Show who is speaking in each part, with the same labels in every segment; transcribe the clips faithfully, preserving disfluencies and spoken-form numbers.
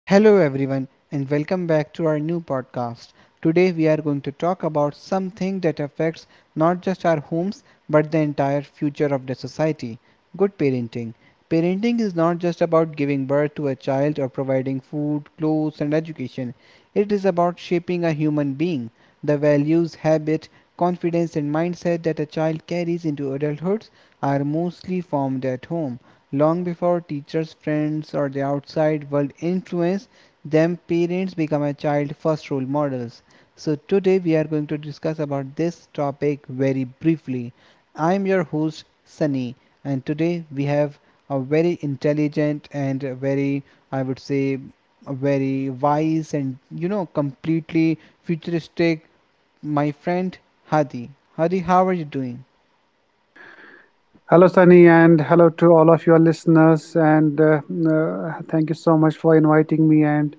Speaker 1: Hello, everyone, and welcome back to our new podcast. Today, we are going to talk about something that affects not just our homes but the entire future of the society: good parenting. Parenting is not just about giving birth to a child or providing food, clothes, and education. It is about shaping a human being. The values, habit, confidence, and mindset that a child carries into adulthood are mostly formed at home. Long before teachers, friends, or the outside world influence them, parents become a child's first role models. So today we are going to discuss about this topic very briefly. I am your host Sunny, and today we have a very intelligent and a very, I would say, a very wise and you know completely futuristic my friend Hadi. Hadi, how are you doing?
Speaker 2: Hello, Sunny, and hello to all of your listeners. And uh, uh, Thank you so much for inviting me and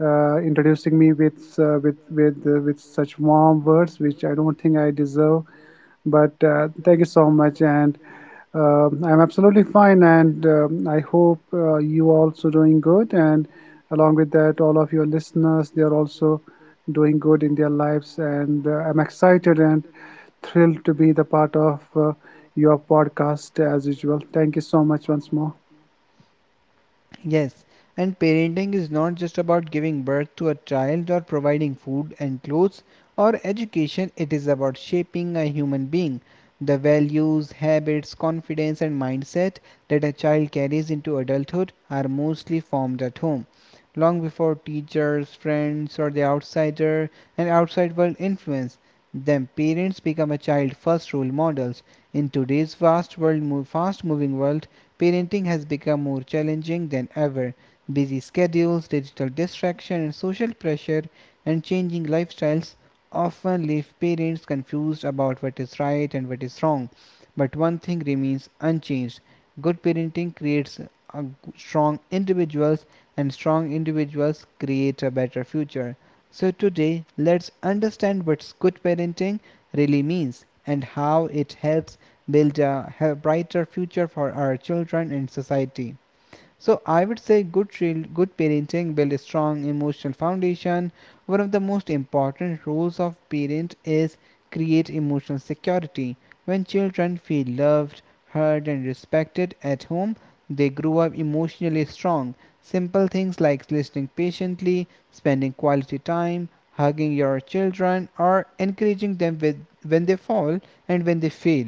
Speaker 2: uh, introducing me with uh, with with uh, with such warm words, which I don't think I deserve. But uh, thank you so much, and um, I'm absolutely fine, and um, I hope uh, you are also doing good. And along with that, all of your listeners, they are also doing good in their lives. And uh, I'm excited and thrilled to be the part of uh, your podcast as usual. Thank you so much once more.
Speaker 1: Yes, and parenting is not just about giving birth to a child or providing food and clothes or education. It is about shaping a human being. The values, habits, confidence, and mindset that a child carries into adulthood are mostly formed at home, long before teachers, friends, or the outsider and outside world influence them. Parents become a child's first role models. In today's vast world, move, fast moving world, parenting has become more challenging than ever. Busy schedules, digital distraction, and social pressure, and changing lifestyles often leave parents confused about what is right and what is wrong. But one thing remains unchanged: good parenting creates a g- strong individuals, and strong individuals create a better future. So, today, let's understand what good parenting really means and how it helps build a brighter future for our children and society. So I would say good good parenting builds a strong emotional foundation. One of the most important roles of parent is create emotional security. When children feel loved, heard and respected at home, they grow up emotionally strong. Simple things like listening patiently, spending quality time, hugging your children or encouraging them with, when they fall and when they fail,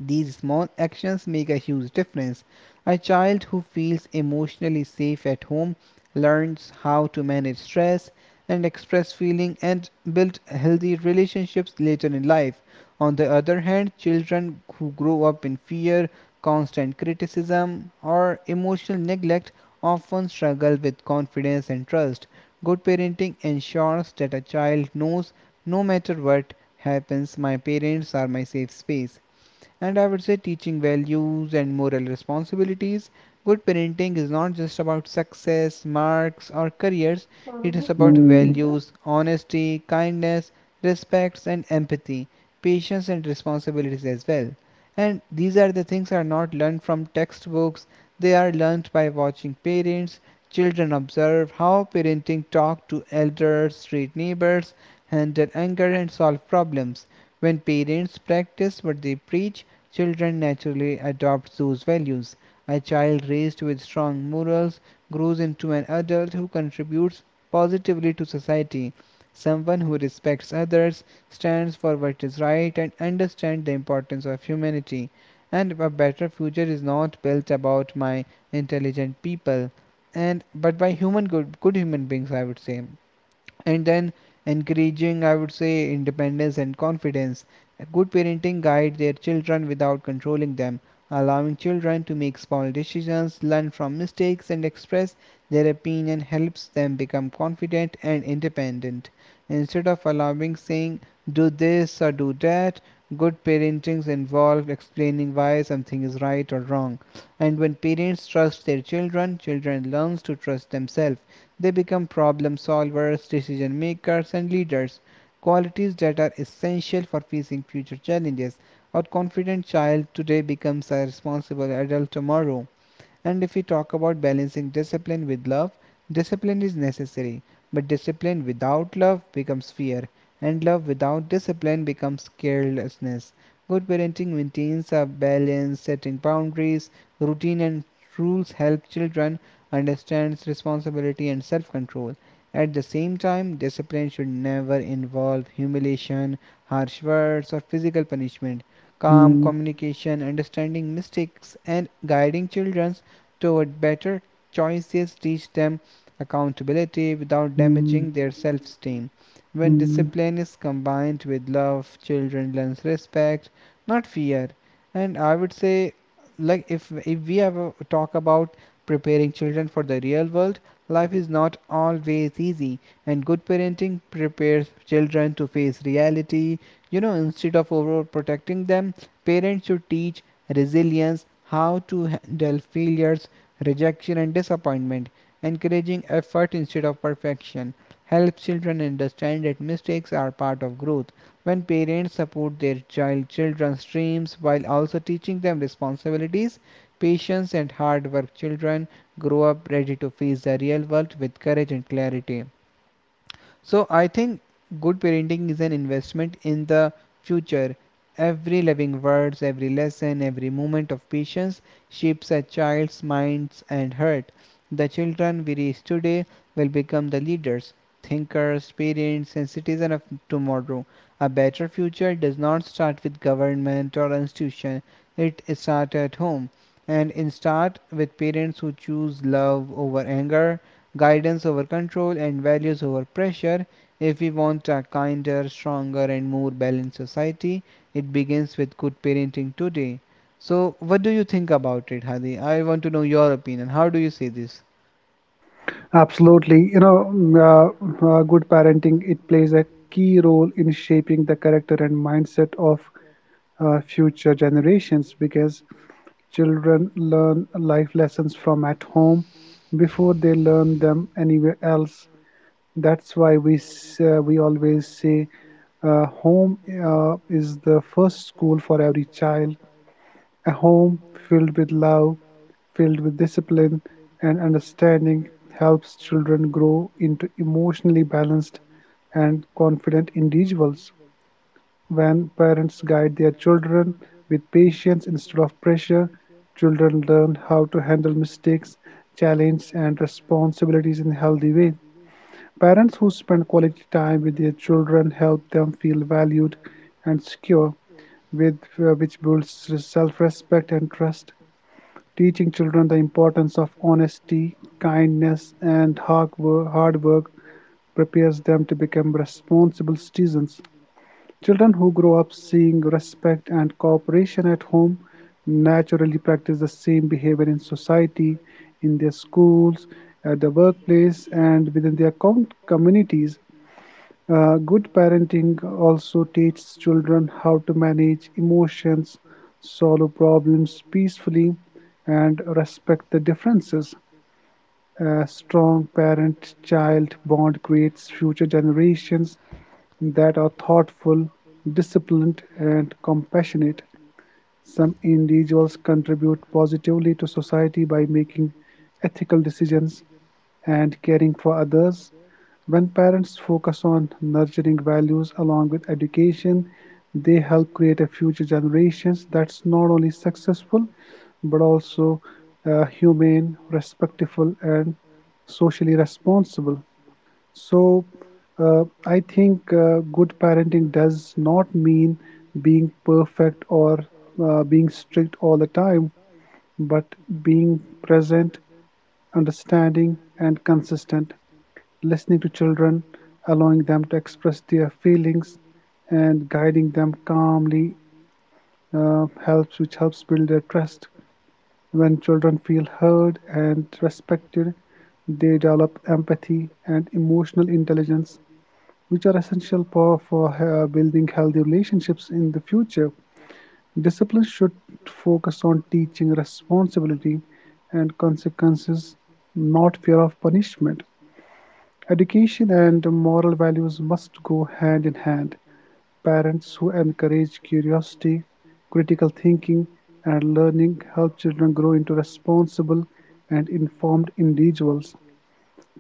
Speaker 1: these small actions make a huge difference. A child who feels emotionally safe at home learns how to manage stress and express feeling and build healthy relationships later in life. On the other hand, children who grow up in fear, constant criticism, or emotional neglect often struggle with confidence and trust. Good parenting ensures that a child knows no matter what happens, my parents are my safe space. And I would say teaching values and moral responsibilities. Good parenting is not just about success, marks, or careers. It is about
Speaker 2: Mm.
Speaker 1: values, honesty, kindness, respect, and empathy, patience, and responsibilities as well. And these are the things are not learned from textbooks, they are learned by watching parents. Children observe how parenting talk to elders, treat neighbors, handle anger, and solve problems. When parents practice what they preach, children naturally adopt those values. A child raised with strong morals grows into an adult who contributes positively to society. Someone who respects others, stands for what is right, and understands the importance of humanity. And a better future is not built about my intelligent people, and but by human good, good human beings, I would say. And then encouraging, I would say, independence and confidence. A good parenting guides their children without controlling them, allowing children to make small decisions, learn from mistakes and express their opinion, helps them become confident and independent. Instead of allowing saying do this or do that, good parenting involves explaining why something is right or wrong. And when parents trust their children, children learn to trust themselves. They become problem solvers, decision makers, and leaders, qualities that are essential for facing future challenges. Our confident child today becomes a responsible adult tomorrow. And if we talk about balancing discipline with love, discipline is necessary, but discipline without love becomes fear, and love without discipline becomes carelessness. Good parenting maintains a balance, setting boundaries, routine, and rules help children understand responsibility and self control. At the same time, discipline should never involve humiliation, harsh words, or physical punishment. Calm
Speaker 2: Mm.
Speaker 1: communication, understanding mistakes, and guiding children toward better choices teach them accountability without
Speaker 2: Mm.
Speaker 1: damaging their self-esteem. When
Speaker 2: Mm.
Speaker 1: discipline is combined with love, children learn respect, not fear. And I would say, like, if if we ever talk about preparing children for the real world, life is not always easy, and good parenting prepares children to face reality. You know, instead of overprotecting them, parents should teach resilience, how to handle failures, rejection and disappointment. Encouraging effort instead of perfection helps children understand that mistakes are part of growth. When parents support their child children's dreams while also teaching them responsibilities, patience and hard work, children grow up ready to face the real world with courage and clarity. So I think good parenting is an investment in the future. Every loving words, every lesson, every moment of patience shapes a child's minds and heart. The children we raise today will become the leaders, thinkers, parents, and citizens of tomorrow. A better future does not start with government or institution. It starts at home, and it starts with parents who choose love over anger, guidance over control, and values over pressure. If we want a kinder, stronger, and more balanced society, it begins with good parenting today. So, what do you think about it, Hadi? I want to know your opinion. How do you see this?
Speaker 2: Absolutely. You know, mm, uh, uh, good parenting, it plays a key role in shaping the character and mindset of uh, future generations, because children learn life lessons from at home before they learn them anywhere else. That's why we s- uh, we always say uh, home uh, is the first school for every child. A home filled with love, filled with discipline and understanding, helps children grow into emotionally balanced and confident individuals. When parents guide their children with patience instead of pressure, children learn how to handle mistakes, challenges, and responsibilities in a healthy way. Parents who spend quality time with their children help them feel valued and secure, with, uh, which builds self respect and trust. Teaching children the importance of honesty, kindness, and hard work, hard work prepares them to become responsible citizens. Children who grow up seeing respect and cooperation at home naturally practice the same behavior in society, in their schools, at the workplace, and within their com- communities. Uh, good parenting also teaches children how to manage emotions, solve problems peacefully, and respect the differences. A strong parent child bond creates future generations that are thoughtful, disciplined, and compassionate. Some individuals contribute positively to society by making ethical decisions and caring for others. When parents focus on nurturing values along with education, they help create a future generations that's not only successful, but also uh, humane, respectful, and socially responsible. So, uh, I think uh, good parenting does not mean being perfect or uh, being strict all the time, but being present, understanding, and consistent, listening to children, allowing them to express their feelings, and guiding them calmly uh, helps, which helps build their trust. When children feel heard and respected, they develop empathy and emotional intelligence, which are essential for, for uh, building healthy relationships in the future. Discipline should focus on teaching responsibility and consequences, not fear of punishment. Education and moral values must go hand in hand. Parents who encourage curiosity, critical thinking, and learning help children grow into responsible and informed individuals.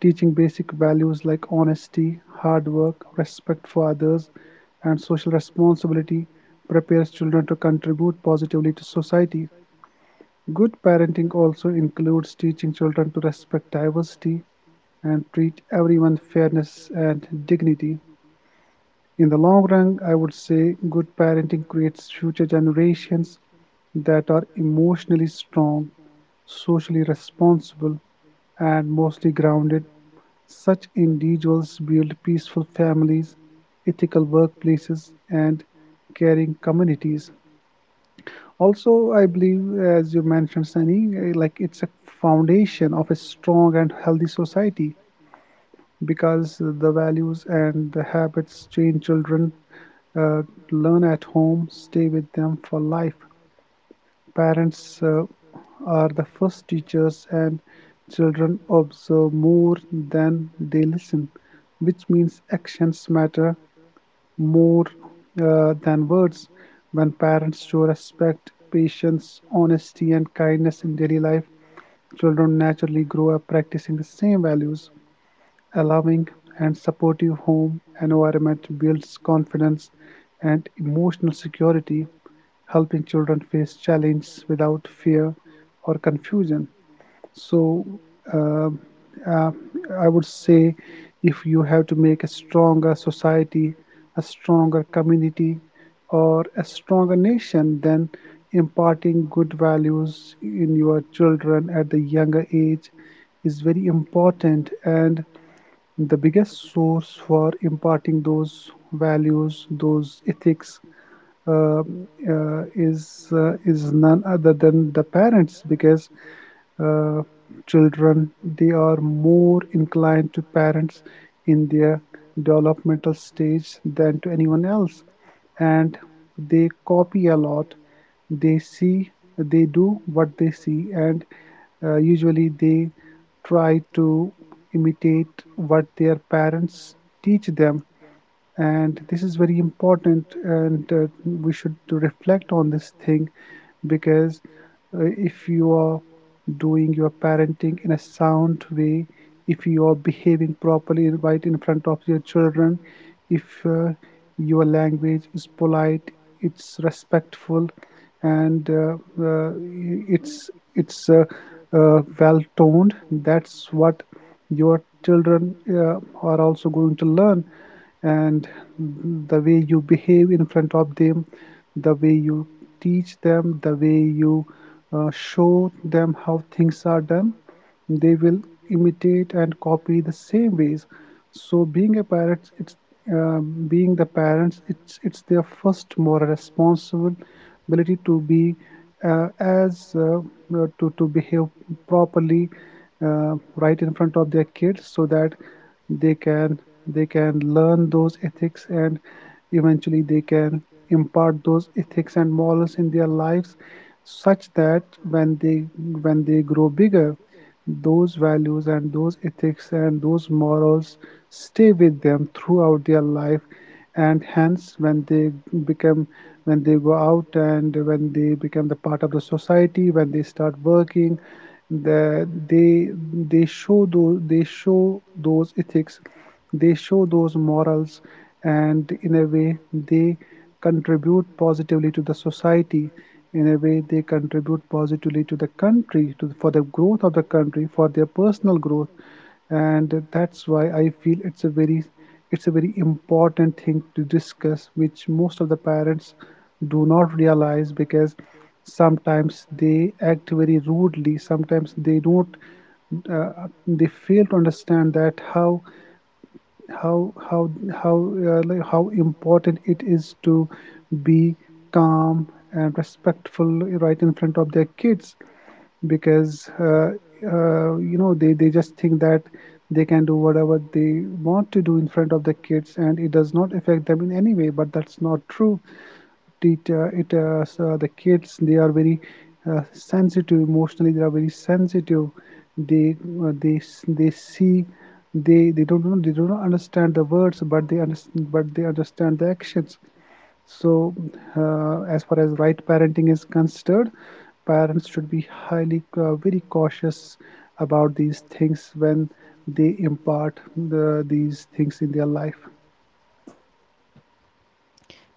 Speaker 2: Teaching basic values like honesty, hard work, respect for others, and social responsibility prepares children to contribute positively to society. Good parenting also includes teaching children to respect diversity and treat everyone fairness and dignity. In the long run, I would say good parenting creates future generations that are emotionally strong, socially responsible, and mostly grounded. Such individuals build peaceful families, ethical workplaces, and caring communities. Also, I believe, as you mentioned, Sunny, eh, like it's a foundation of a strong and healthy society, because the values and the habits trained children uh, learn at home stay with them for life. Parents uh, are the first teachers, and children observe more than they listen, which means actions matter more uh, than words. When parents show respect, patience, honesty, and kindness in daily life, children naturally grow up practicing the same values. A loving and supportive home environment builds confidence and emotional security, helping children face challenges without fear or confusion. So, uh, uh, I would say, if you have to make a stronger society, a stronger community, or a stronger nation, then imparting good values in your children at the younger age is very important, and the biggest source for imparting those values, those ethics, um, uh, is uh, is none other than the parents, because uh, children, they are more inclined to parents in their developmental stage than to anyone else, and they copy a lot. They see, they do what they see. And uh, usually they try to imitate what their parents teach them. And this is very important, and uh, we should reflect on this thing. Because uh, if you are doing your parenting in a sound way, if you are behaving properly right in front of your children, if uh, your language is polite, it's respectful, and uh, uh, it's it's uh, uh, well toned, that's what your children uh, are also going to learn. And the way you behave in front of them, the way you teach them, the way you uh, show them how things are done, they will imitate and copy the same ways. So, being a parent, it's um, being the parents, it's it's their first moral responsibility to be uh, as uh, uh, to to behave properly uh, right in front of their kids, so that they can they can learn those ethics, and eventually they can impart those ethics and morals in their lives, such that when they when they grow bigger, those values and those ethics and those morals stay with them throughout their life. And hence, when they become, when they go out, and when they become the part of the society, when they start working, the, they they show those they show those ethics, they show those morals, and in a way they contribute positively to the society, in a way they contribute positively to the country, to, for the growth of the country, for their personal growth. And that's why I feel it's a very it's a very important thing to discuss, which most of the parents do not realize, because sometimes they act very rudely, sometimes they don't, uh, they fail to understand that how how how how uh, like how important it is to be calm and respectful right in front of their kids. Because uh, uh, you know they they just think that they can do whatever they want to do in front of the kids, and it does not affect them in any way, but that's not true. It uh, it uh, So the kids, they are very uh, sensitive. Emotionally, they are very sensitive. They uh, they they see, they they don't know, they don't understand the words, but they understand but they understand the actions. So, uh, as far as right parenting is considered, parents should be highly uh, very cautious about these things when they impart the, these things in their life.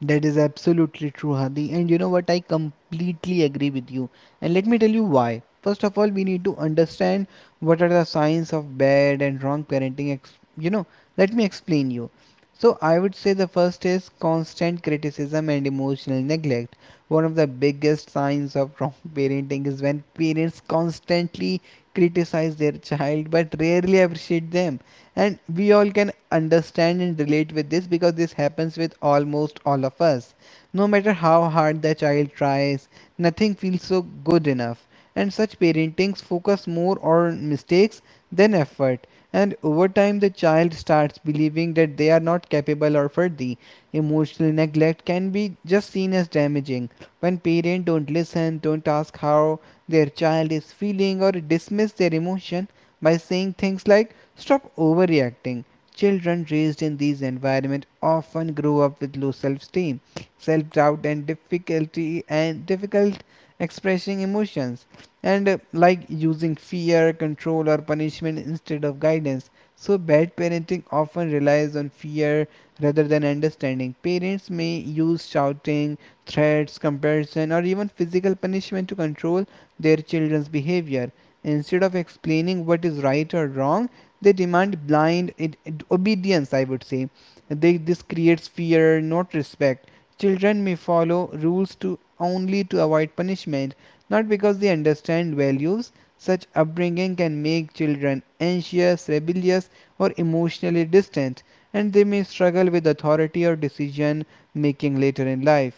Speaker 1: That is absolutely true, Hadi. And you know what? I completely agree with you. And let me tell you why. First of all, we need to understand what are the signs of bad and wrong parenting. Ex- you know, let me explain you. So I would say the first is constant criticism and emotional neglect. One of the biggest signs of wrong parenting is when parents constantly criticize their child but rarely appreciate them. And we all can understand and relate with this, because this happens with almost all of us. No matter how hard the child tries, nothing feels so good enough. And such parentings focus more on mistakes than effort, and over time the child starts believing that they are not capable or worthy. Emotional neglect can be just seen as damaging when parents don't listen, don't ask how their child is feeling, or dismiss their emotion by saying things like stop overreacting. Children raised in these environments often grow up with low self-esteem, self-doubt and difficulty and difficult expressing emotions. And uh, like using fear, control or punishment instead of guidance. So bad parenting often relies on fear rather than understanding. Parents may use shouting, threats, comparison or even physical punishment to control their children's behavior. Instead of explaining what is right or wrong, they demand blind it, it- obedience, I would say. They, this creates fear, not respect. Children may follow rules to only to avoid punishment, not because they understand values. Such upbringing can make children anxious, rebellious, or emotionally distant, and they may struggle with authority or decision making later in life.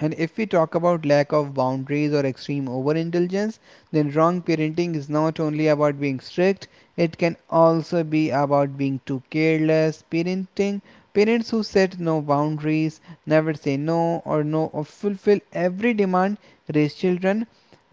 Speaker 1: And if we talk about lack of boundaries or extreme overindulgence, then wrong parenting is not only about being strict, it can also be about being too careless. Parenting Parents who set no boundaries, never say no or no or fulfill every demand, raise children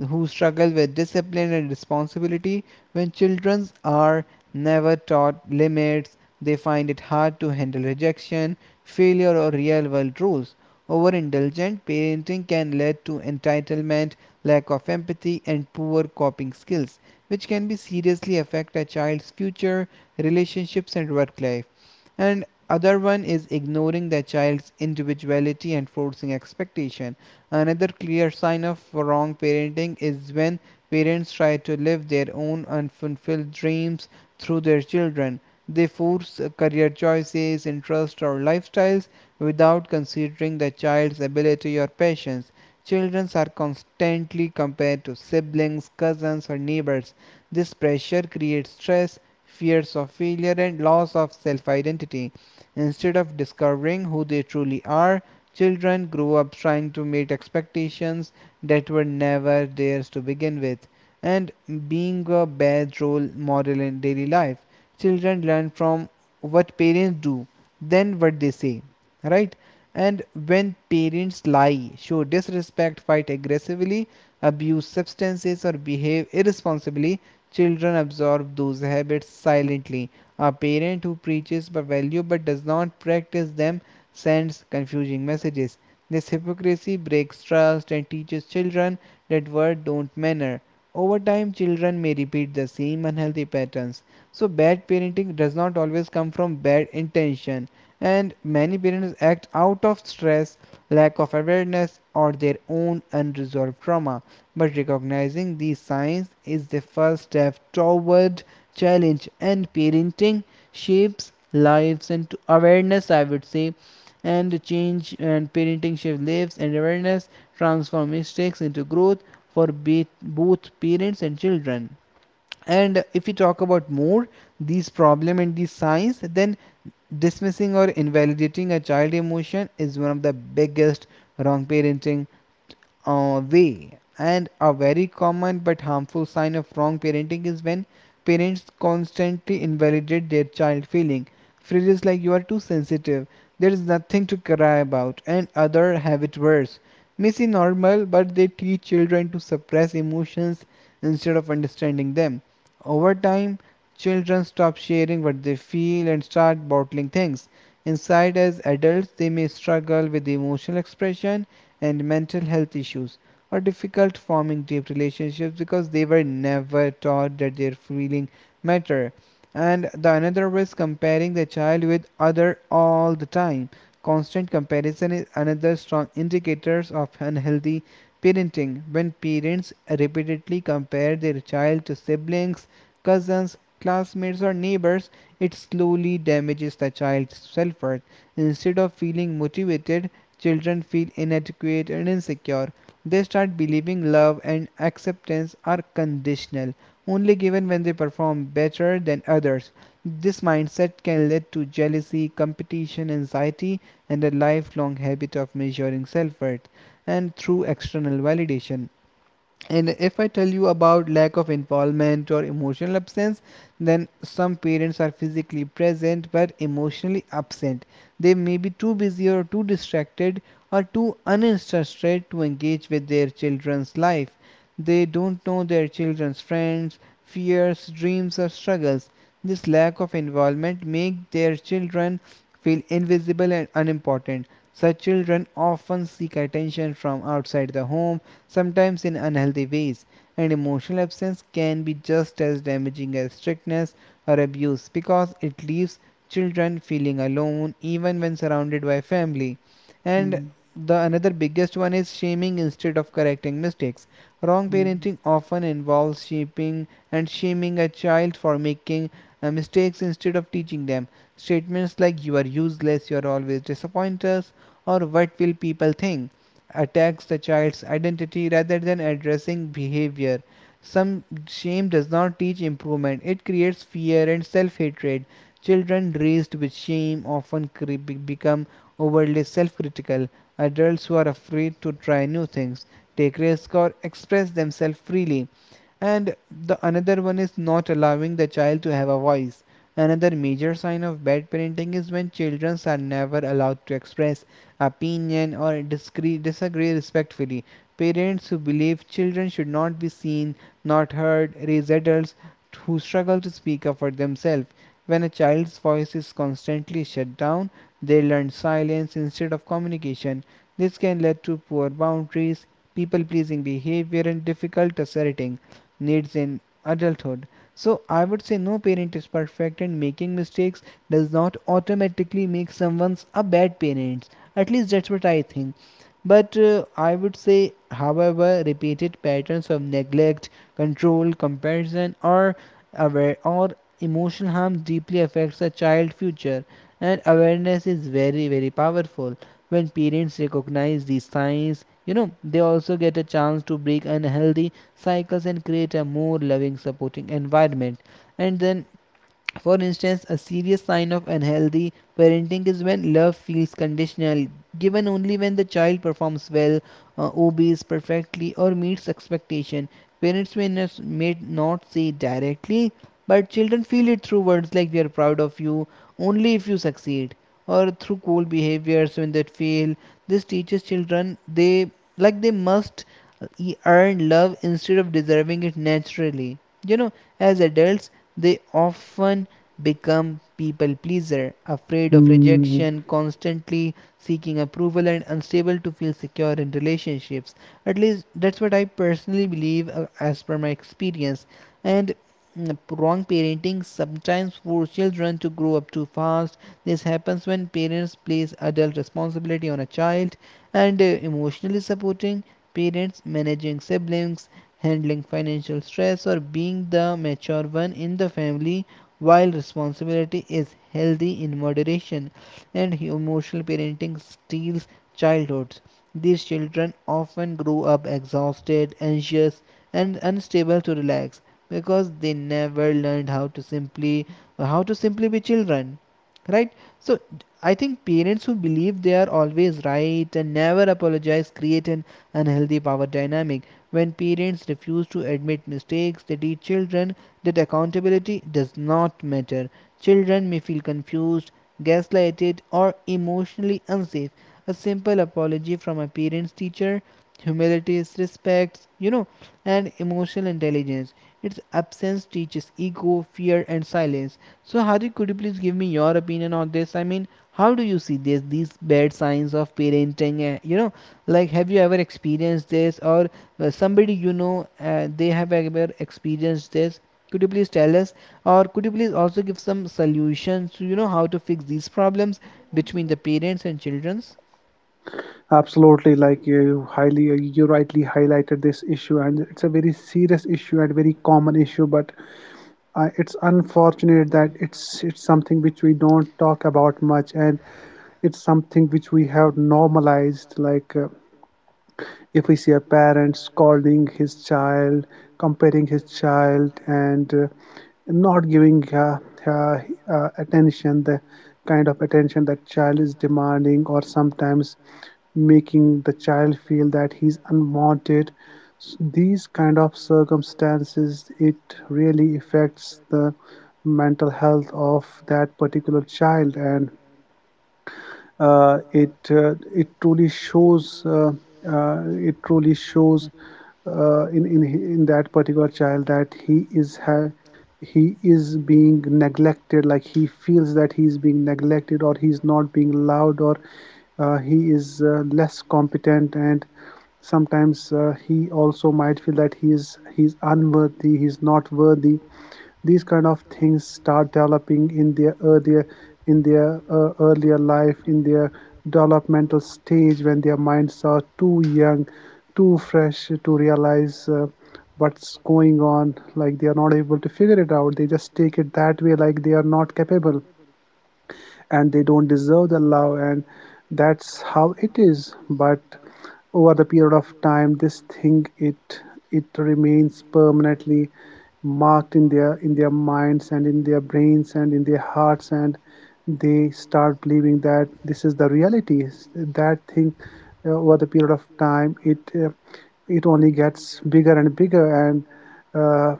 Speaker 1: who struggle with discipline and responsibility. When children are never taught limits, they find it hard to handle rejection, failure or real world rules. Overindulgent parenting can lead to entitlement, lack of empathy, and poor coping skills, which can be seriously affect a child's future relationships and work life. And other one is ignoring the child's individuality and forcing expectation. Another clear sign of wrong parenting is when parents try to live their own unfulfilled dreams through their children. They force uh, career choices, interests, or lifestyles without considering the child's ability or patience. Children are constantly compared to siblings, cousins, or neighbors. This pressure creates stress, fears of failure, and loss of self identity. Instead of discovering who they truly are, children grow up trying to meet expectations that were never theirs to begin with. And being a bad role model in daily life. Children learn from what parents do, then what they say, right? And when parents lie, show disrespect, fight aggressively, abuse substances or behave irresponsibly, children absorb those habits silently. A parent who preaches by value but does not practice them sends confusing messages. This hypocrisy breaks trust and teaches children that words don't matter. Over time children may repeat the same unhealthy patterns. So bad parenting does not always come from bad intention, and many parents act out of stress, lack of awareness, or their own unresolved trauma. But recognizing these signs is the first step toward challenge and parenting shapes lives and awareness, I would say, and change. And parenting shapes lives and awareness, transform mistakes into growth for both parents and children. And if we talk about more these problem and these signs, then dismissing or invalidating a child emotion is one of the biggest wrong parenting uh, way. And a very common but harmful sign of wrong parenting is when parents constantly invalidate their child feeling. Phrases like you are too sensitive, there is nothing to cry about, and other have it worse may seem normal, but they teach children to suppress emotions instead of understanding them. Over time, children stop sharing what they feel and start bottling things inside. As adults, they may struggle with emotional expression and mental health issues, or difficult forming deep relationships because they were never taught that their feelings matter. And the another was comparing the child with other all the time. Constant comparison is another strong indicators of unhealthy parenting. When parents repeatedly compare their child to siblings, cousins, classmates or neighbors, it slowly damages the child's self-worth. Instead of feeling motivated, children feel inadequate and insecure. They start believing love and acceptance are conditional, only given when they perform better than others. This mindset can lead to jealousy, competition, anxiety, and a lifelong habit of measuring self worth and through external validation. And if I tell you about lack of involvement or emotional absence, then some parents are physically present but emotionally absent. They may be too busy or too distracted or too uninterested to engage with their children's life. They don't know their children's friends, fears, dreams, or struggles. This lack of involvement makes their children feel invisible and unimportant. Such children often seek attention from outside the home, sometimes in unhealthy ways. And emotional absence can be just as damaging as strictness or abuse, because it leaves children feeling alone even when surrounded by family. And
Speaker 2: Mm.
Speaker 1: the another biggest one is shaming instead of correcting mistakes. Wrong parenting often involves shaping and shaming a child for making uh, mistakes instead of teaching them. Statements like you are useless, you are always disappoint us, or what will people think attacks the child's identity rather than addressing behavior. Some shame does not teach improvement, it creates fear and self hatred. Children raised with shame often become overly self critical. Adults who are afraid to try new things, take risks, or express themselves freely. And the another one is not allowing the child to have a voice. Another major sign of bad parenting is when children are never allowed to express opinion or disagree respectfully. Parents who believe children should not be seen, not heard, raise adults who struggle to speak up for themselves. When a child's voice is constantly shut down, they learn silence instead of communication. This can lead to poor boundaries, people pleasing behavior and difficult asserting needs in adulthood. So I would say no parent is perfect and making mistakes does not automatically make someone a bad parent. At least that's what I think. But uh, I would say, however, repeated patterns of neglect, control, comparison, or aware or emotional harm deeply affects a child's future. And awareness is very, very powerful. When parents recognize these signs, you know, they also get a chance to break unhealthy cycles and create a more loving supporting environment. And then, for instance, a serious sign of unhealthy parenting is when love feels conditional, given only when the child performs well, uh, obeys perfectly, or meets expectation. Parents may not, may not say directly, but children feel it through words like "we are proud of you" only if you succeed, or through cool behaviors when they fail. This teaches children they like they must uh, e- earn love instead of deserving it naturally. You know, as adults, they often become people pleaser, afraid of
Speaker 2: Mm.
Speaker 1: rejection, constantly seeking approval and unstable to feel secure in relationships. At least that's what I personally believe, uh, as per my experience. And mm, wrong parenting sometimes forces children to grow up too fast. This happens when parents place adult responsibility on a child and uh, emotionally supporting parents, managing siblings, handling financial stress, or being the mature one in the family. While responsibility is healthy in moderation, and emotional parenting steals childhoods. These children often grow up exhausted, anxious, and unstable to relax because they never learned how to simply how to simply be children, right? So I think parents who believe they are always right and never apologize create an unhealthy power dynamic. When parents refuse to admit mistakes, they teach children that accountability does not matter. Children may feel confused, gaslighted, or emotionally unsafe. A simple apology from a parent's teacher, humility, respect, you know, and emotional intelligence. Its absence teaches ego, fear, and silence. So, Hardik, could you please give me your opinion on this? I mean, how do you see this? These bad signs of parenting, uh, you know, like have you ever experienced this, or uh, somebody you know, uh, they have ever experienced this? Could you please tell us, or could you please also give some solutions to, you know, how to fix these problems between the parents and childrens?
Speaker 2: Absolutely, like you highly, uh, you rightly highlighted this issue, and it's a very serious issue and very common issue. But uh, it's unfortunate that it's it's something which we don't talk about much, and it's something which we have normalized. Like uh, if we see a parent scolding his child, comparing his child, and uh, not giving uh, uh, uh, attention the kind of attention that child is demanding, or sometimes making the child feel that he's unwanted. S- these kind of circumstances, it really affects the mental health of that particular child. And uh, it uh, it truly shows, uh, uh, it truly shows uh, in in in that particular child, that he is ha- he is being neglected, like he feels that he is being neglected, or he is not being loved, or uh, he is uh, less competent. And sometimes uh, he also might feel that he is he's unworthy, he's not worthy. These kind of things start developing in their earlier in their uh, earlier life, in their developmental stage, when their minds are too young, too fresh to realize uh, what's going on. Like, they are not able to figure it out, they just take it that way, like they are not capable and they don't deserve the love, and that's how it is. But over the period of time, this thing, it it remains permanently marked in their, in their minds, and in their brains, and in their hearts. And they start believing that this is the reality. That thing, uh, over the period of time, it uh, it only gets bigger and bigger. And uh,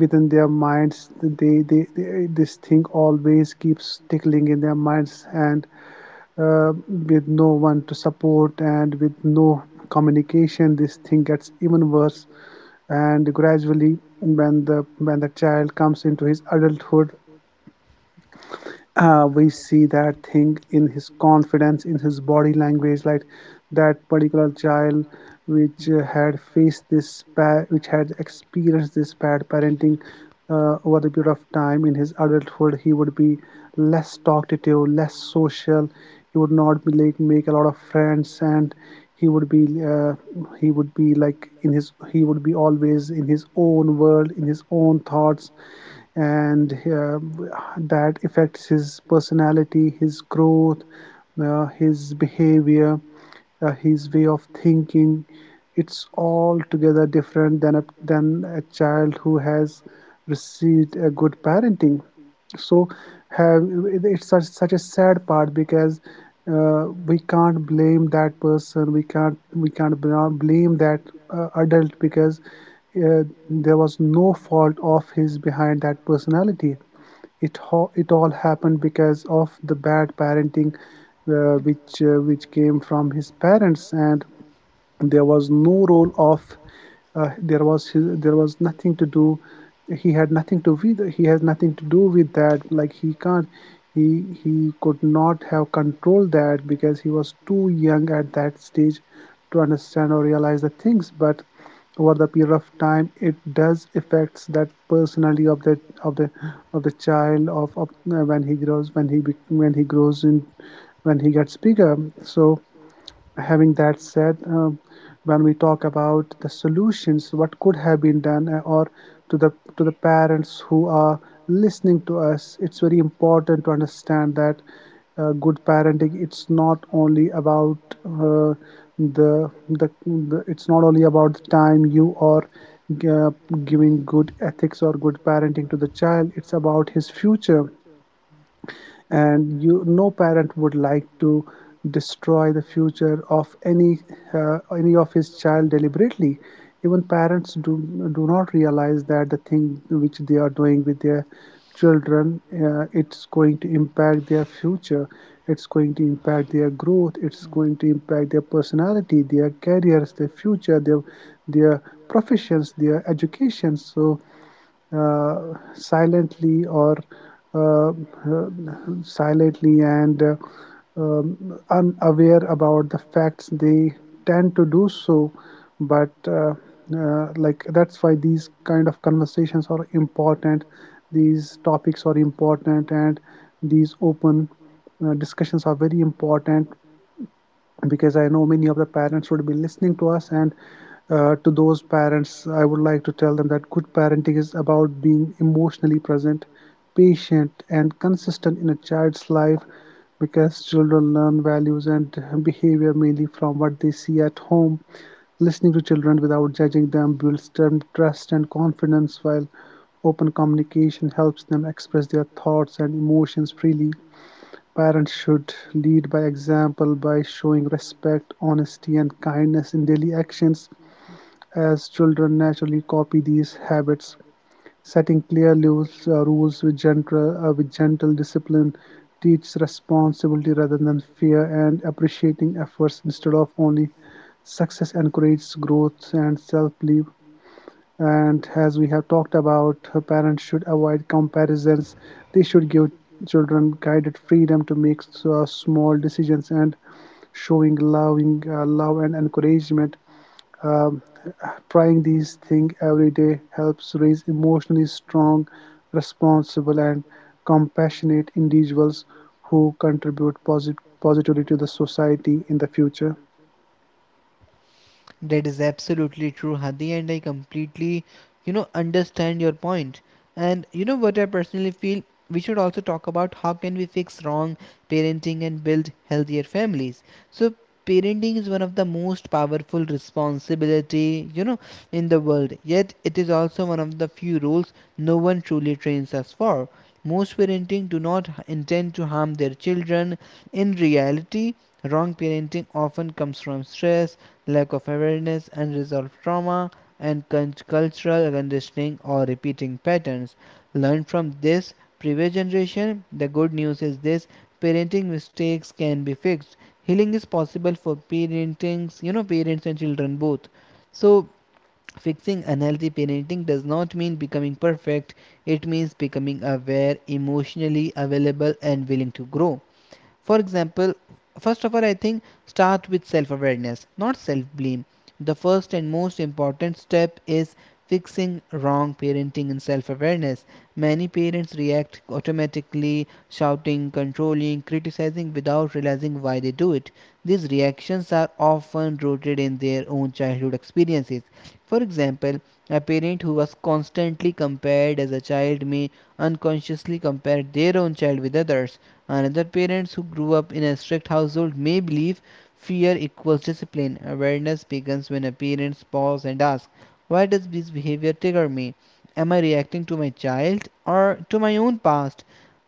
Speaker 2: within their minds, they, they, they this thing always keeps tickling in their minds. And uh, with no one to support, and with no communication, this thing gets even worse. And gradually, when the when the child comes into his adulthood, uh, we see that thing in his confidence, in his body language. Like, that particular child, which uh, had faced this pa- which had experienced this bad parenting, uh, over the period of time, in his adulthood, he would be less talkative, less social. He would not be, like, make a lot of friends. And he would be uh, he would be, like, in his he would be always in his own world, in his own thoughts. And uh, that affects his personality, his growth, uh, his Behavior, uh, his way of thinking, it's altogether different than a, than a child who has received a good parenting. So have It's such such a sad part because uh, we can't blame that person. We can't we can't bla- blame that uh, adult because uh, there was no fault of his behind that personality. It ho- it all happened because of the bad parenting, uh, which uh, which came from his parents. And there was no role of uh, there was his, there was nothing to do. He had nothing to with he has nothing to do with that. Like, he can't, he he could not have controlled that because he was too young at that stage to understand or realize the things. But over the period of time, it does affects that personality of that of the of the child, of, of uh, when he grows, when he bec- when he grows in, when he gets bigger. So, having that said, um, when we talk about the solutions, what could have been done, uh, or to the to the parents who are listening to us, it's very important to understand that uh, good parenting, it's not only about uh, the, the the it's not only about the time you are uh, giving good ethics or good parenting to the child. It's about his future. And you, no parent would like to destroy the future of any uh, any of his child deliberately. Even parents do do not realize that the thing which they are doing with their children, uh, it's going to impact their future. It's going to impact their growth. It's going to impact their personality, their careers, their future, their their professions, their education. So uh, silently or uh, uh, silently and uh, um, unaware about the facts, they tend to do so. But uh, uh, like, that's why these kind of conversations are important. These topics are important, and these open uh, discussions are very important, because I know many of the parents would be listening to us. And uh, to those parents, I would like to tell them that good parenting is about being emotionally present, patient, and consistent in a child's life, because children learn values and behavior mainly from what they see at home. Listening to children without judging them builds trust and confidence, while open communication helps them express their thoughts and emotions freely. Parents should lead by example by showing respect, honesty, and kindness in daily actions, as children naturally copy these habits. Setting clear rules, uh, rules with gentle, uh, with gentle discipline teaches responsibility rather than fear, and appreciating efforts instead of only success encourages growth and self-belief. And as we have talked about, parents should avoid comparisons. They should give children guided freedom to make uh, small decisions, and showing loving uh, love and encouragement. um, Trying these things every day helps raise emotionally strong, responsible, and compassionate individuals who contribute posit- positively to the society in the future.
Speaker 1: That is absolutely true, Hadi, and I completely, you know, understand your point. And you know what I personally feel? We should also talk about how can we fix wrong parenting and build healthier families. So parenting is one of the most powerful responsibility, you know, in the world. Yet it is also one of the few roles no one truly trains us for. Most parenting do not h- intend to harm their children. In reality, wrong parenting often comes from stress, lack of awareness, unresolved trauma, and cultural conditioning or repeating patterns. Learn from this previous generation. The good news is this, parenting mistakes can be fixed. Healing is possible for parentings, you know, parents and children both. So, fixing unhealthy parenting does not mean becoming perfect, it means becoming aware, emotionally available, and willing to grow. For example, first of all, I think start with self-awareness, not self-blame. The first and most important step is fixing wrong parenting and self-awareness. Many parents react automatically, shouting, controlling, criticizing without realizing why they do it. These reactions are often rooted in their own childhood experiences. For example, a parent who was constantly compared as a child may unconsciously compare their own child with others. Another, parents who grew up in a strict household may believe fear equals discipline. Awareness begins when a parent pause and asks, why does this behavior trigger me? Am I reacting to my child or to my own past?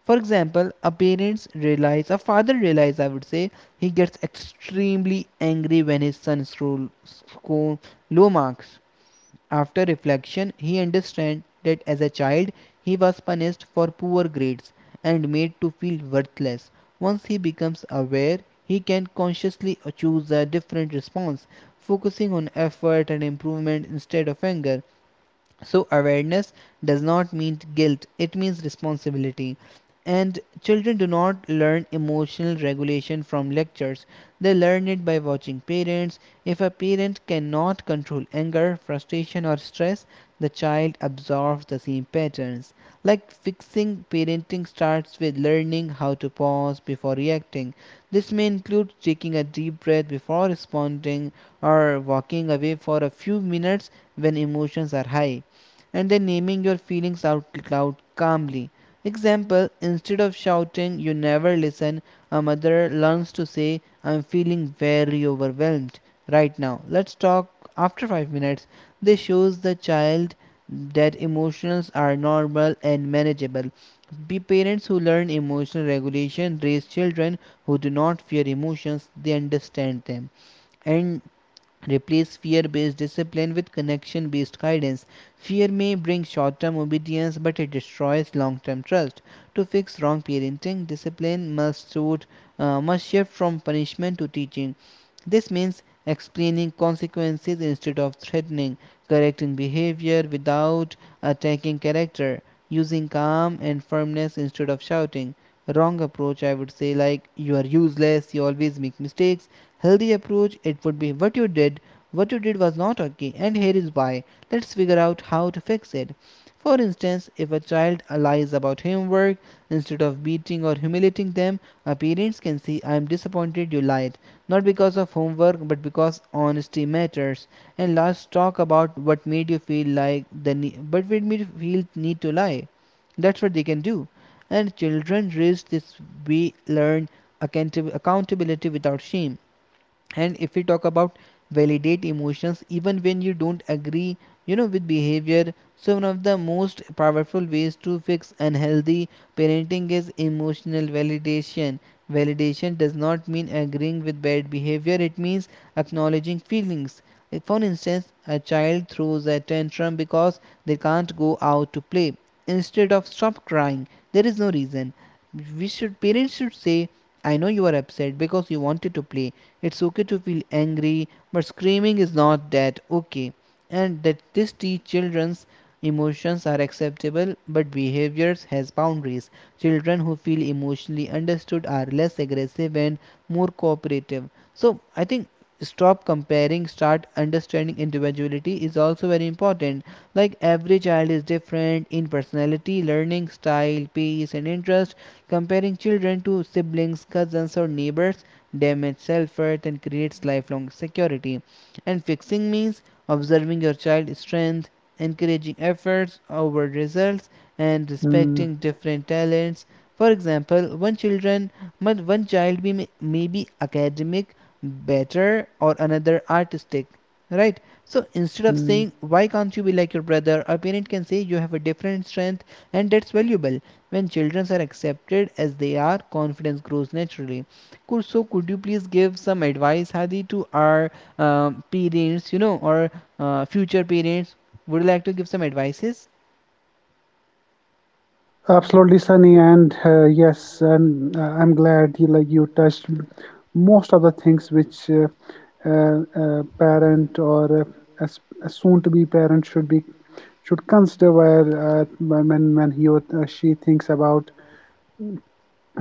Speaker 1: For example, a parents realize, a father realize, I would say, he gets extremely angry when his son scores low marks. After reflection, he understands that as a child he was punished for poor grades and made to feel worthless. Once he becomes aware, he can consciously choose a different response, focusing on effort and improvement instead of anger. So, awareness does not mean guilt, it means responsibility. And children do not learn emotional regulation from lectures, they learn it by watching parents. If a parent cannot control anger, frustration, or stress, the child absorbs the same patterns. Like fixing parenting starts with learning how to pause before reacting. This may include taking a deep breath before responding or walking away for a few minutes when emotions are high, and then naming your feelings out loud calmly. Example: instead of shouting, you never listen, a mother learns to say, I'm feeling very overwhelmed right now. Let's talk after five minutes. This shows the child that emotions are normal and manageable. Be parents who learn emotional regulation raise children who do not fear emotions, they understand them. And replace fear based discipline with connection based guidance. Fear may bring short term obedience, but it destroys long term trust. To fix wrong parenting, discipline must, suit, uh, must shift from punishment to teaching. This means explaining consequences instead of threatening, correcting behavior without attacking character, using calm and firmness instead of shouting. Wrong approach, I would say, like, you are useless, you always make mistakes. Healthy approach, it would be, what you did, what you did was not okay and here is why. Let's figure out how to fix it. For instance, if a child lies about homework, instead of beating or humiliating them, our parents can say, I am disappointed you lied, not because of homework but because honesty matters. And last, talk about what made you feel like the ne- but made me feel need to lie. That's what they can do. And children raised this way learn accountab- accountability without shame. And if we talk about validate emotions even when you don't agree, you know with behavior. So one of the most powerful ways to fix unhealthy parenting is emotional validation. Validation does not mean agreeing with bad behavior, it means acknowledging feelings. Like, for instance, a child throws a tantrum because they can't go out to play. Instead of stop crying, there is no reason, we should, parents should say, I know you are upset because you wanted to play. It's okay to feel angry, but screaming is not that okay. And that this teach children's emotions are acceptable, but behaviors has boundaries. Children who feel emotionally understood are less aggressive and more cooperative. So I think stop comparing, start understanding individuality is also very important. Like every child is different in personality, learning style, pace, and interest. Comparing children to siblings, cousins, or neighbors damage self worth, and creates lifelong security. And fixing means observing your child's strength, encouraging efforts over results, and
Speaker 2: Mm,
Speaker 1: respecting different talents. For example, one children, but one child be, may be academic better, or another artistic, right? So instead of
Speaker 2: mm.
Speaker 1: saying why can't you be like your brother, a parent can say you have a different strength and that's valuable. When children are accepted as they are, confidence grows naturally. Could, so could you please give some advice, Hadi, to our uh, parents, you know, or uh, future parents? Would you like to give some advices?
Speaker 2: Absolutely, Sunny, and uh, yes, and uh, I'm glad you like you touched m- most of the things which uh, uh, a parent or uh, a, s- a soon-to-be parent should be should consider where uh, when when he or uh, she thinks about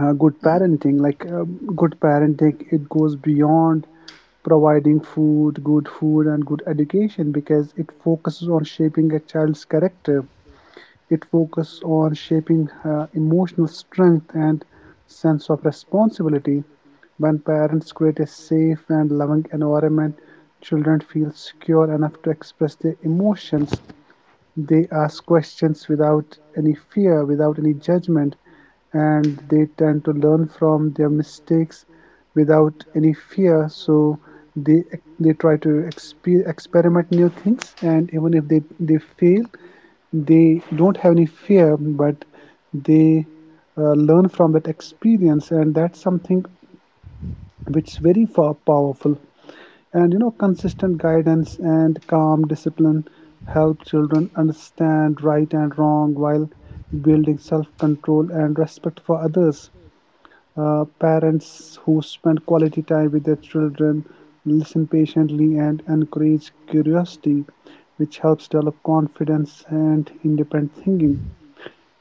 Speaker 2: uh, good
Speaker 1: Mm.
Speaker 2: parenting. Like uh, good parenting, it goes beyond providing food, good food, and good education, because it focuses on shaping a child's character. It focuses on shaping uh, emotional strength and sense of responsibility. When parents create a safe and loving environment, children feel secure enough to express their emotions. They ask questions without any fear, without any judgment, and they tend to learn from their mistakes without any fear. So they they try to exper- experiment new things, and even if they, they fail, they don't have any fear, but they uh, learn from that experience, and that's something which is very far powerful. And you know, consistent guidance and calm discipline help children understand right and wrong while building self-control and respect for others. Uh, parents who spend quality time with their children, listen patiently, and encourage curiosity, which helps develop confidence and independent thinking.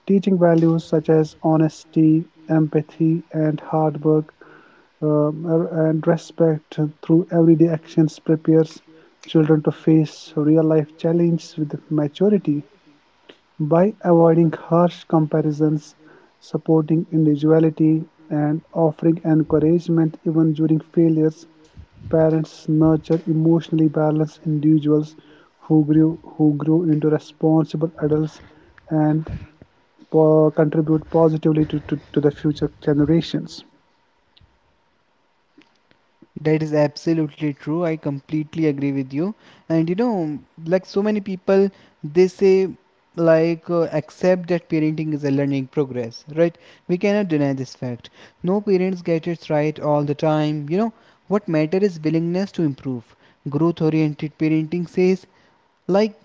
Speaker 2: Teaching values such as honesty, empathy, and hard work, um, er, and respect through everyday actions prepares children to face real life challenges with maturity. By avoiding harsh comparisons, supporting individuality, and offering encouragement even during failures, parents nurture emotionally balanced individuals who grew who grew into responsible adults and po- contribute positively to, to, to the future generations.
Speaker 1: That is absolutely true. I completely agree with you. And you know, like so many people, they say, like, uh, accept that parenting is a learning progress, right? We cannot deny this fact. No parents get it right all the time. You know, what matter is willingness to improve. Growth oriented parenting says, like,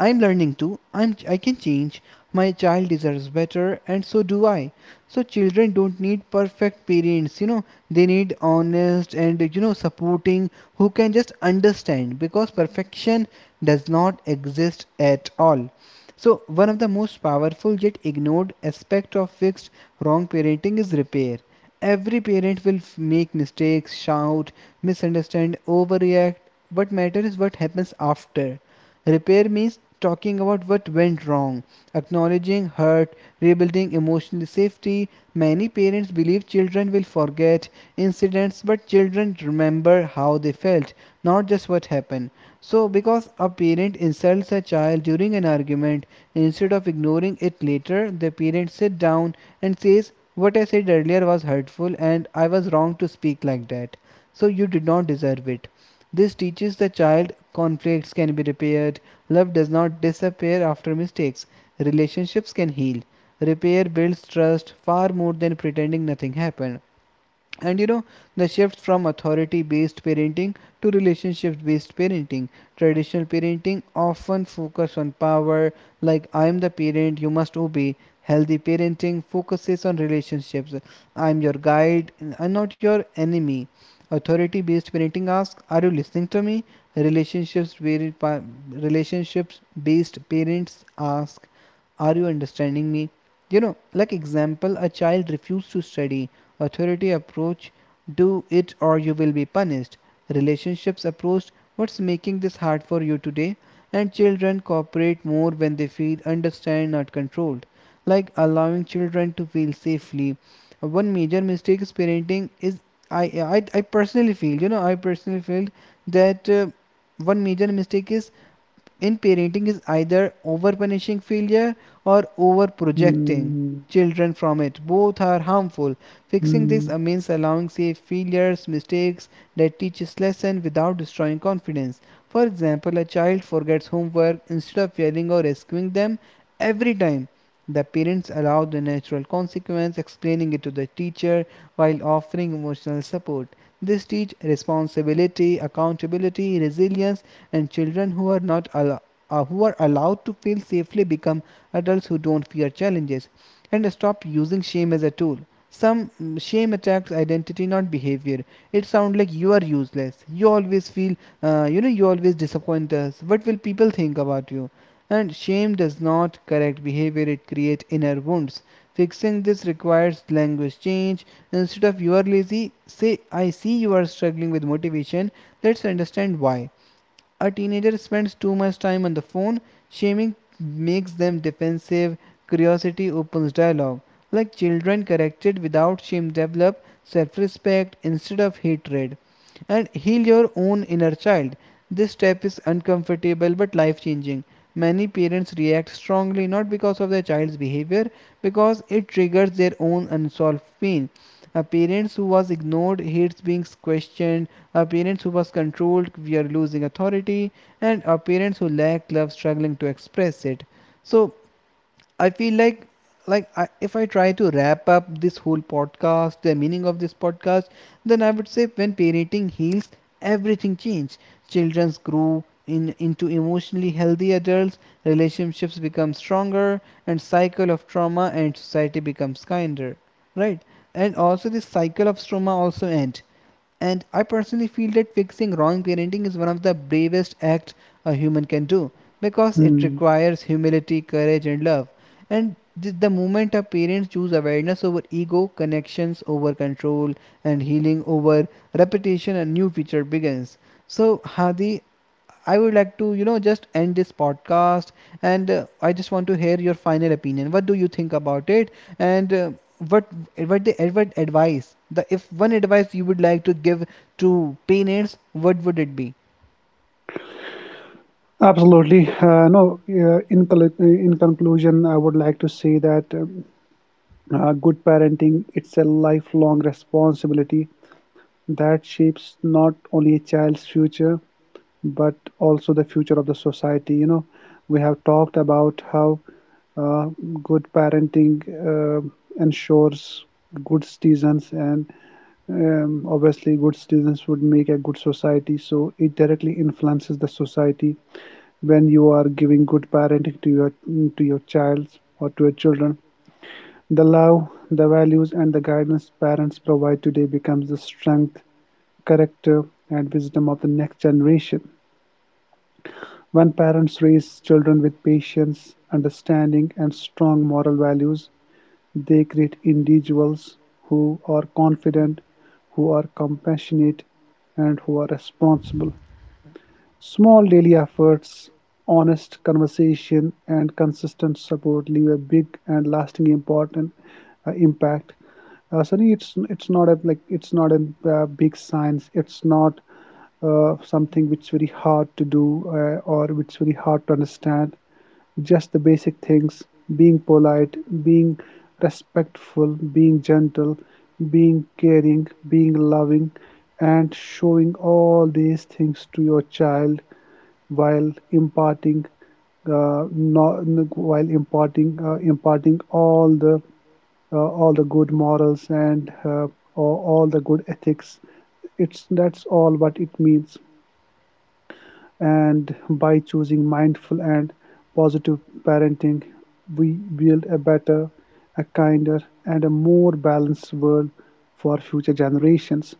Speaker 1: I'm learning too. I'm I can change. My child deserves better, and so do I. So children don't need perfect parents, you know. They need honest and, you know, supporting who can just understand, because perfection does not exist at all. So one of the most powerful yet ignored aspect of fixed wrong parenting is repair. Every parent will f- make mistakes, shout, misunderstand, overreact. What matters is what happens after. Repair means talking about what went wrong, acknowledging hurt, rebuilding emotional safety. Many parents believe children will forget incidents, but children remember how they felt, not just what happened. So, because a parent insults a child during an argument, instead of ignoring it later, the parent sits down and says, what I said earlier was hurtful, and I was wrong to speak like that. So, you did not deserve it. This teaches the child conflicts can be repaired, love does not disappear after mistakes, relationships can heal. Repair builds trust far more than pretending nothing happened. And, you know, the shift from authority based parenting to relationship based parenting. Traditional parenting often focus on power, like, I am the parent, you must obey. Healthy parenting focuses on relationships. I am your guide, I'm not your enemy. Authority based parenting asks, are you listening to me? Relationships relationships based parents ask, are you understanding me? You know, like example, a child refused to study. Authority approach, do it or you will be punished. Relationships approach, what's making this hard for you today? And children cooperate more when they feel understand, not controlled. Like allowing children to feel safely. One major mistake is parenting is I I, I personally feel, you know, I personally feel that uh, one major mistake is in parenting is either over punishing failure or over projecting
Speaker 2: Hmm,
Speaker 1: children from it. Both are harmful. Fixing this
Speaker 2: hmm,
Speaker 1: uh, means allowing safe failures, mistakes that teaches lesson without destroying confidence. For example, a child forgets homework, instead of yelling or rescuing them every time. The parents allow the natural consequence, explaining it to the teacher while offering emotional support. This teach responsibility, accountability, resilience, and children who are not al- uh, who are allowed to feel safely become adults who don't fear challenges and stop using shame as a tool. Some mm, shame attacks identity, not behavior. It sounds like you are useless. You always feel, uh, you know, you always disappoint us. What will people think about you? And shame does not correct behavior, it creates inner wounds. Fixing this requires language change. Instead of you are lazy, say I see you are struggling with motivation. Let's understand why. A teenager spends too much time on the phone, shaming makes them defensive, curiosity opens dialogue. Like children corrected without shame develop self respect instead of hatred. And heal your own inner child. This step is uncomfortable but life changing. Many parents react strongly not because of their child's behavior, because it triggers their own unsolved pain. A parents who was ignored hates being questioned, a parents who was controlled we are losing authority, and a parents who lack love struggling to express it. So I feel like, like I, if I try to wrap up this whole podcast, the meaning of this podcast, then I would say, when parenting heals, everything changes. Children grow in into emotionally healthy adults, relationships become stronger, and cycle of trauma and society becomes kinder, right? And also this cycle of trauma also end. And I personally feel that fixing wrong parenting is one of the bravest acts a human can do, because it
Speaker 2: hmm.
Speaker 1: requires humility, courage, and love. And th- the moment our parents choose awareness over ego, connections over control, and healing over repetition, a new feature begins. So, Hadi, I would like to, you know, just end this podcast, and uh, I just want to hear your final opinion. What do you think about it? And uh, what what the, what advice the, if one advice you would like to give to parents, what would it be?
Speaker 2: Absolutely. Uh, no, uh, in, col- in conclusion, I would like to say that um, uh, good parenting, it's a lifelong responsibility that shapes not only a child's future but also the future of the society. You know, we have talked about how uh, good parenting uh, ensures good citizens. And Um, obviously, good citizens would make a good society, so it directly influences the society. When you are giving good parenting to your to your child or to your children, the love, the values, and the guidance parents provide today becomes the strength, character, and wisdom of the next generation. When parents raise children with patience, understanding, and strong moral values, they create individuals who are confident, who are compassionate, and who are responsible. Small daily efforts, honest conversation, and consistent support leave a big and lasting important uh, impact. Uh, Sunny, it's it's not a like it's not a uh, big science. It's not uh, something which is very hard to do, uh, or which is very hard to understand. Just the basic things: being polite, being respectful, being gentle, being caring, being loving, and showing all these things to your child while imparting uh, no, no- while imparting uh, imparting all the uh, all the good morals, and uh, all all the good ethics. It's That's all what it means. And by choosing mindful and positive parenting, we build a better, a kinder, and a more balanced world for future generations.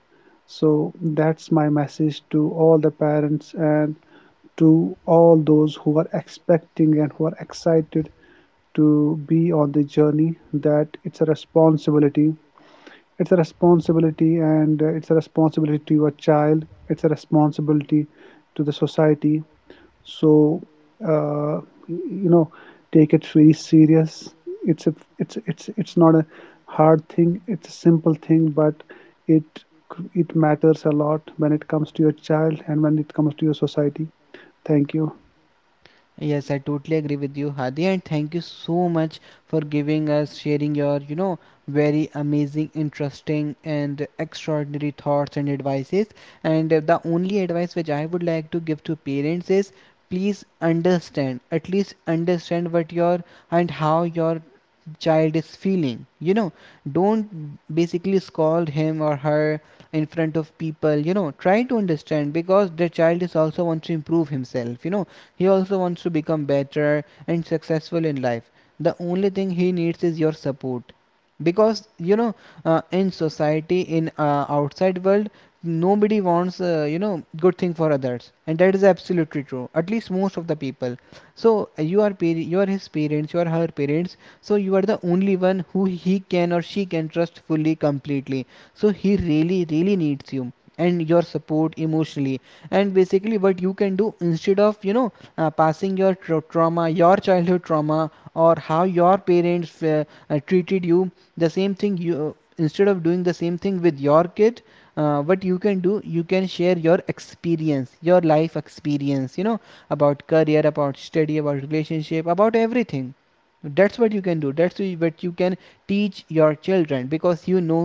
Speaker 2: So that's my message to all the parents and to all those who are expecting and who are excited to be on the journey, that it's a responsibility. It's a responsibility, and uh, it's a responsibility to your child. It's a responsibility to the society. So, uh, you know, take it very serious. It's a, it's it's it's not a hard thing. It's a simple thing, but it it matters a lot when it comes to your child and when it comes to your society. Thank you.
Speaker 1: Yes, I totally agree with you, Hadi, and thank you so much for giving us, sharing your, you know, very amazing, interesting, and extraordinary thoughts and advices. And uh, the only advice which I would like to give to parents is, please understand, at least understand what your and how your child is feeling. You know, don't basically scold him or her in front of people. You know, try to understand, because the child is also wants to improve himself, you know, he also wants to become better and successful in life. The only thing he needs is your support, because you know, uh, in society, in uh, outside world, nobody wants uh, you know good thing for others, and that is absolutely true, at least most of the people. So uh, you are par- you are his parents, you are her parents, so you are the only one who he can or she can trust fully completely. So he really really needs you, and your support emotionally. And basically what you can do, instead of, you know, uh, passing your tra- trauma, your childhood trauma, or how your parents uh, uh, treated you, the same thing you, instead of doing the same thing with your kid, uh, what you can do, you can share your experience, your life experience, you know, about career, about study, about relationship, about everything. That's what you can do, that's what you, what you can teach your children, because you know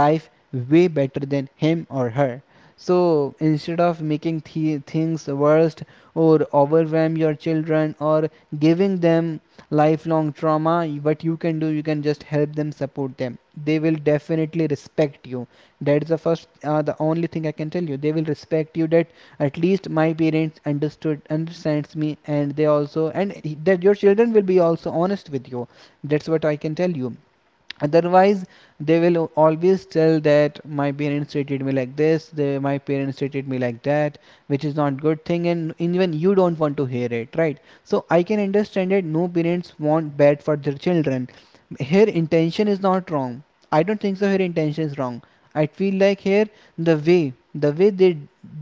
Speaker 1: life way better than him or her. So instead of making th- things worse, or overwhelm your children, or giving them lifelong trauma, what you can do, you can just help them, support them. They will definitely respect you. That's the first, uh, the only thing I can tell you, they will respect you, that at least my parents understood understands me, and they also. And that your children will be also honest with you. That's what I can tell you. Otherwise, they will always tell that my parents treated me like this, they, my parents treated me like that, which is not good thing, and even you don't want to hear it, right? So I can understand that no parents want bad for their children. Her intention is not wrong, I don't think so her intention is wrong. I feel like here, the way the way they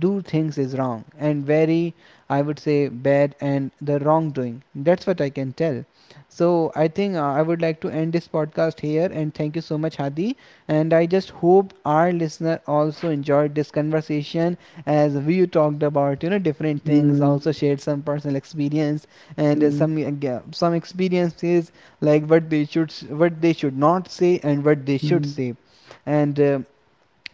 Speaker 1: do things is wrong and very, I would say, bad, and the wrongdoing. That's what I can tell. So I think, uh, I would like to end this podcast here, and thank you so much, Hadi. And I just hope our listener also enjoyed this conversation, as we talked about, you know, different things,
Speaker 2: Mm,
Speaker 1: also shared some personal experience, and uh,
Speaker 2: mm,
Speaker 1: some uh, ga- some experiences, like what they should s- what they should not say and what they should
Speaker 2: mm,
Speaker 1: say. And uh,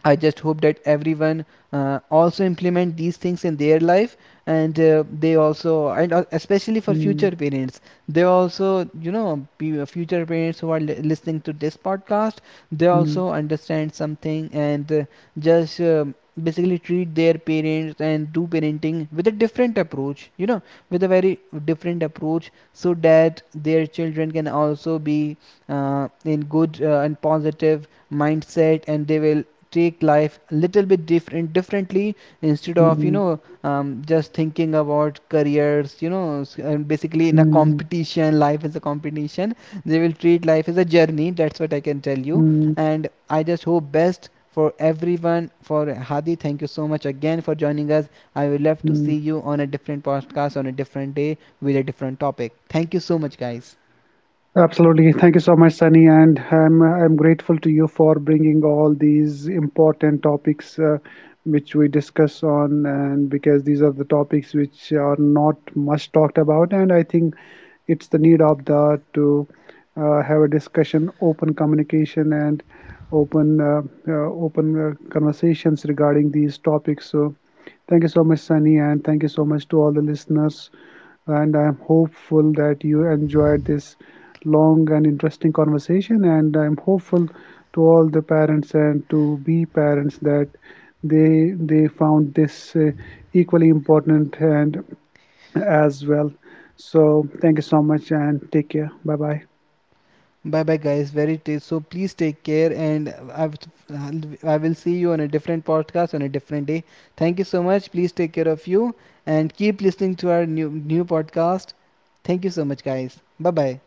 Speaker 1: I just hope that everyone uh, also implement these things in their life, and uh, they also, and uh, especially for future
Speaker 2: mm,
Speaker 1: parents, they also, you know, pe- future parents who are li- listening to this podcast, they
Speaker 2: mm,
Speaker 1: also understand something, and uh, just um basically treat their parents and do parenting with a different approach, you know, with a very different approach, so that their children can also be uh, in good uh, and positive mindset, and they will take life a little bit different differently, instead
Speaker 2: mm,
Speaker 1: of, you know,
Speaker 2: mm,
Speaker 1: um, just thinking about careers, you know, s- and basically in a
Speaker 2: mm,
Speaker 1: competition, life is a competition, they will treat life as a journey. That's what I can tell you.
Speaker 2: mm,
Speaker 1: And I just hope best for everyone. For Hadi, thank you so much again for joining us. I will love to see
Speaker 2: mm.
Speaker 1: you on a different podcast on a different day with a different topic. Thank you so much, guys.
Speaker 2: Absolutely. Thank you so much, Sunny, and I'm I'm grateful to you for bringing all these important topics uh, which we discuss on, and because these are the topics which are not much talked about, and I think it's the need of the to uh, have a discussion, open communication, and open uh, uh, open uh, conversations regarding these topics. So, thank you so much, Sunny, and thank you so much to all the listeners. And I'm hopeful that you enjoyed this long and interesting conversation. And I'm hopeful to all the parents and to be parents that they they found this uh, equally important and as well. So thank you so much and take care. Bye bye.
Speaker 1: Bye bye, guys. Very tasty. So please take care, and I've, I will see you on a different podcast on a different day. Thank you so much. Please take care of you and keep listening to our new new podcast. Thank you so much, guys. Bye bye.